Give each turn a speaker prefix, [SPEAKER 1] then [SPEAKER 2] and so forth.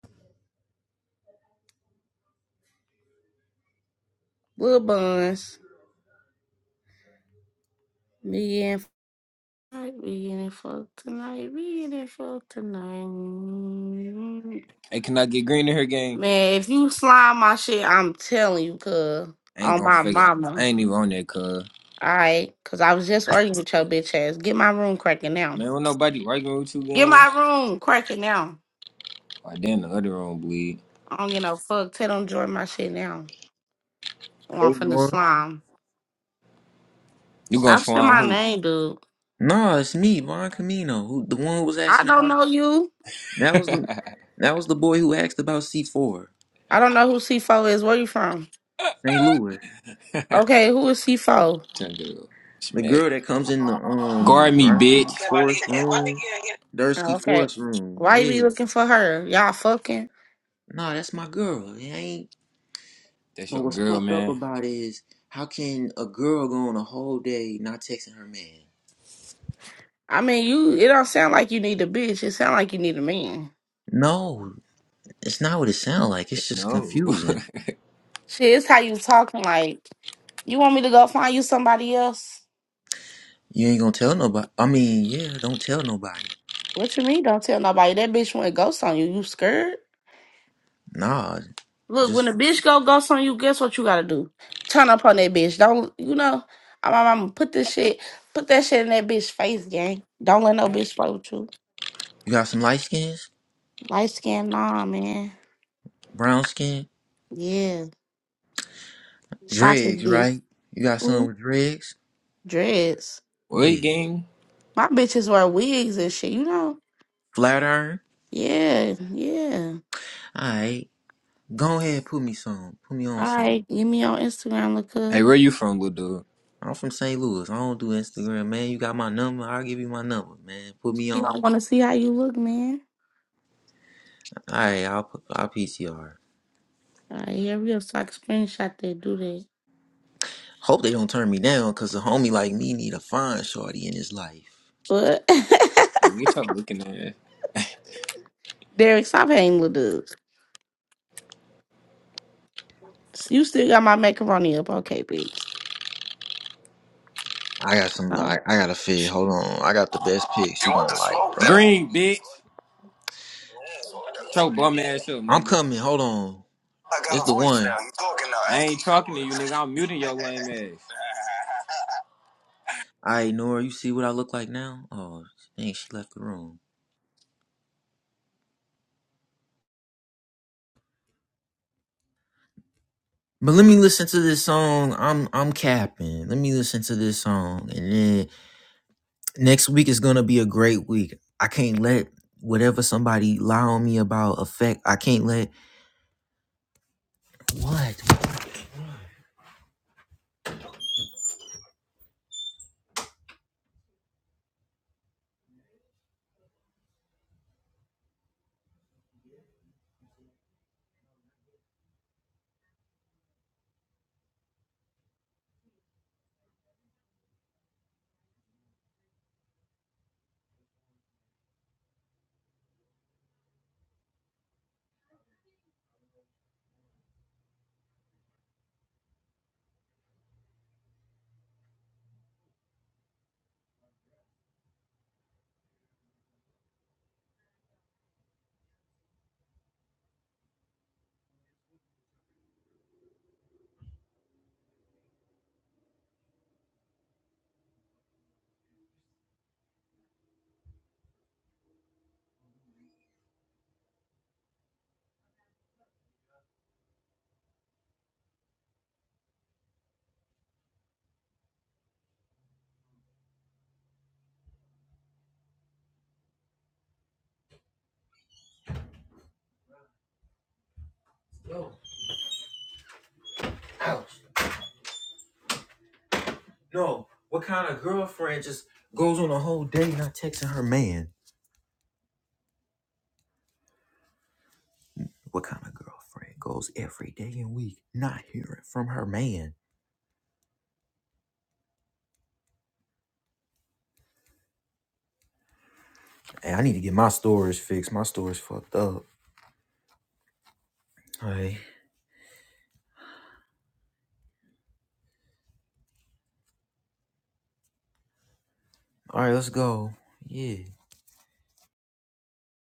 [SPEAKER 1] Little buns. Me and fucked we in it tonight. We in it tonight.
[SPEAKER 2] Hey, can I get green in her game?
[SPEAKER 1] Man, if you slime my shit, I'm telling you, cuz.
[SPEAKER 2] I ain't
[SPEAKER 1] On
[SPEAKER 2] gonna
[SPEAKER 1] my
[SPEAKER 2] figure. out.
[SPEAKER 1] mama.
[SPEAKER 2] I ain't even on that cuz.
[SPEAKER 1] Alright? Cause I was just arguing with your bitch ass. Get my room cracking now.
[SPEAKER 2] Man, don't nobody arguing with you,
[SPEAKER 1] Get
[SPEAKER 2] gang.
[SPEAKER 1] my room cracking now.
[SPEAKER 2] Why damn the other room bleed?
[SPEAKER 1] I don't get no fuck. Tell them join my shit now. Or I'm
[SPEAKER 3] Hey,
[SPEAKER 1] finna
[SPEAKER 3] Nora.
[SPEAKER 1] slime.
[SPEAKER 2] You gonna
[SPEAKER 1] Stop saying
[SPEAKER 2] slime
[SPEAKER 1] my
[SPEAKER 2] who?
[SPEAKER 1] name, dude.
[SPEAKER 3] No, it's me, Von Camino, who the one who was
[SPEAKER 1] I
[SPEAKER 3] asking
[SPEAKER 1] don't
[SPEAKER 3] about.
[SPEAKER 1] know you.
[SPEAKER 3] That was the that was the boy who asked about C four,
[SPEAKER 1] I don't know who C4 is. Where you from?
[SPEAKER 3] St. Louis.
[SPEAKER 1] Okay, who is C4?
[SPEAKER 2] Turn girl.
[SPEAKER 3] The
[SPEAKER 2] Smack.
[SPEAKER 3] girl that comes in the um
[SPEAKER 2] Guard me, bitch.
[SPEAKER 3] Darsky Forest room,
[SPEAKER 1] Oh,
[SPEAKER 3] Dursky
[SPEAKER 1] okay.
[SPEAKER 3] Forest room.
[SPEAKER 1] Why you be
[SPEAKER 3] Yeah.
[SPEAKER 1] looking for her? Y'all fucking?
[SPEAKER 3] No, that's my girl. It ain't.
[SPEAKER 2] That's
[SPEAKER 3] But
[SPEAKER 2] your
[SPEAKER 3] what's
[SPEAKER 2] girl,
[SPEAKER 3] fucked up
[SPEAKER 2] man.
[SPEAKER 3] about it is how can a girl go on a whole day not texting her man?
[SPEAKER 1] I mean, you. It don't sound like you need a bitch. It sound like you need a man.
[SPEAKER 3] No, it's not what it sounds like. It's just
[SPEAKER 2] No.
[SPEAKER 3] confusing.
[SPEAKER 1] Shit, it's how you talking. Like you want me to go find you somebody else?
[SPEAKER 3] You ain't gonna tell nobody. I mean, yeah, don't tell nobody.
[SPEAKER 1] What you mean? Don't tell nobody. That bitch went ghost on you. You scared?
[SPEAKER 3] Nah,
[SPEAKER 1] Look, when
[SPEAKER 3] just
[SPEAKER 1] a bitch go ghost on you, guess what you gotta do? Turn up on that bitch. Don't you know? I'm, I'm, put this shit, put that shit in that bitch face, gang. Don't let no bitch play with you.
[SPEAKER 3] You got some light skins,
[SPEAKER 1] Light skin, nah, man.
[SPEAKER 3] brown skin,
[SPEAKER 1] Yeah, chocolate
[SPEAKER 3] dreads,
[SPEAKER 1] dick,
[SPEAKER 3] right? You got some
[SPEAKER 1] Ooh,
[SPEAKER 3] with dreads?
[SPEAKER 1] dreads.
[SPEAKER 2] What
[SPEAKER 3] Yeah.
[SPEAKER 2] gang?
[SPEAKER 1] My bitches wear wigs and shit, you know?
[SPEAKER 3] Flat iron?
[SPEAKER 1] Yeah, yeah.
[SPEAKER 3] Alright. Go ahead, put me some. Put me
[SPEAKER 1] All
[SPEAKER 3] on some.
[SPEAKER 1] right, give me your Instagram, look
[SPEAKER 2] Hey,
[SPEAKER 1] up.
[SPEAKER 2] where you from, little dude?
[SPEAKER 3] I'm from St. Louis. I don't do Instagram, man. You got my number? I'll give you my number, man. Put me
[SPEAKER 1] You don't
[SPEAKER 3] on.
[SPEAKER 1] want to see how you look, man.
[SPEAKER 3] Alright, I'll, pu- I'll PCR.
[SPEAKER 1] All right, here we go. So I can screenshot that, do that.
[SPEAKER 3] Hope they don't turn me down, cause a homie like me need a fine shorty in his life.
[SPEAKER 1] But,
[SPEAKER 2] Hey, Get your looking ass.
[SPEAKER 1] Derek, stop hating little dudes. You still got my macaroni up. Okay, bitch.
[SPEAKER 3] I got some,
[SPEAKER 1] Oh.
[SPEAKER 3] I, I got a fit. Hold on. I got the best pics
[SPEAKER 2] You
[SPEAKER 3] you
[SPEAKER 2] want
[SPEAKER 3] gonna
[SPEAKER 2] the
[SPEAKER 3] like,
[SPEAKER 2] smoke?
[SPEAKER 3] bro.
[SPEAKER 2] Green, bitch. Shut your bum ass up,
[SPEAKER 3] I'm
[SPEAKER 2] nigga.
[SPEAKER 3] coming. Hold on.
[SPEAKER 2] I got
[SPEAKER 3] It's
[SPEAKER 2] a
[SPEAKER 3] the
[SPEAKER 2] voice
[SPEAKER 3] one.
[SPEAKER 2] now. You talking now? I ain't talking to you, nigga. I'm muting your lame ass.
[SPEAKER 3] I Nora, you see what I look like now? Oh, dang, she left the room. But let me listen to this song. I'm I'm capping. Let me listen to this song, and then next week is gonna be a great week. I can't let whatever somebody lie on me about affect. I can't let what. Yo, ouch. No, what kind of girlfriend just goes on a whole day not texting her man? What kind of girlfriend goes every day and week not hearing from her man? Hey, I need to get my storage fixed. My storage fucked up. Alright. Alright, let's go. Yeah.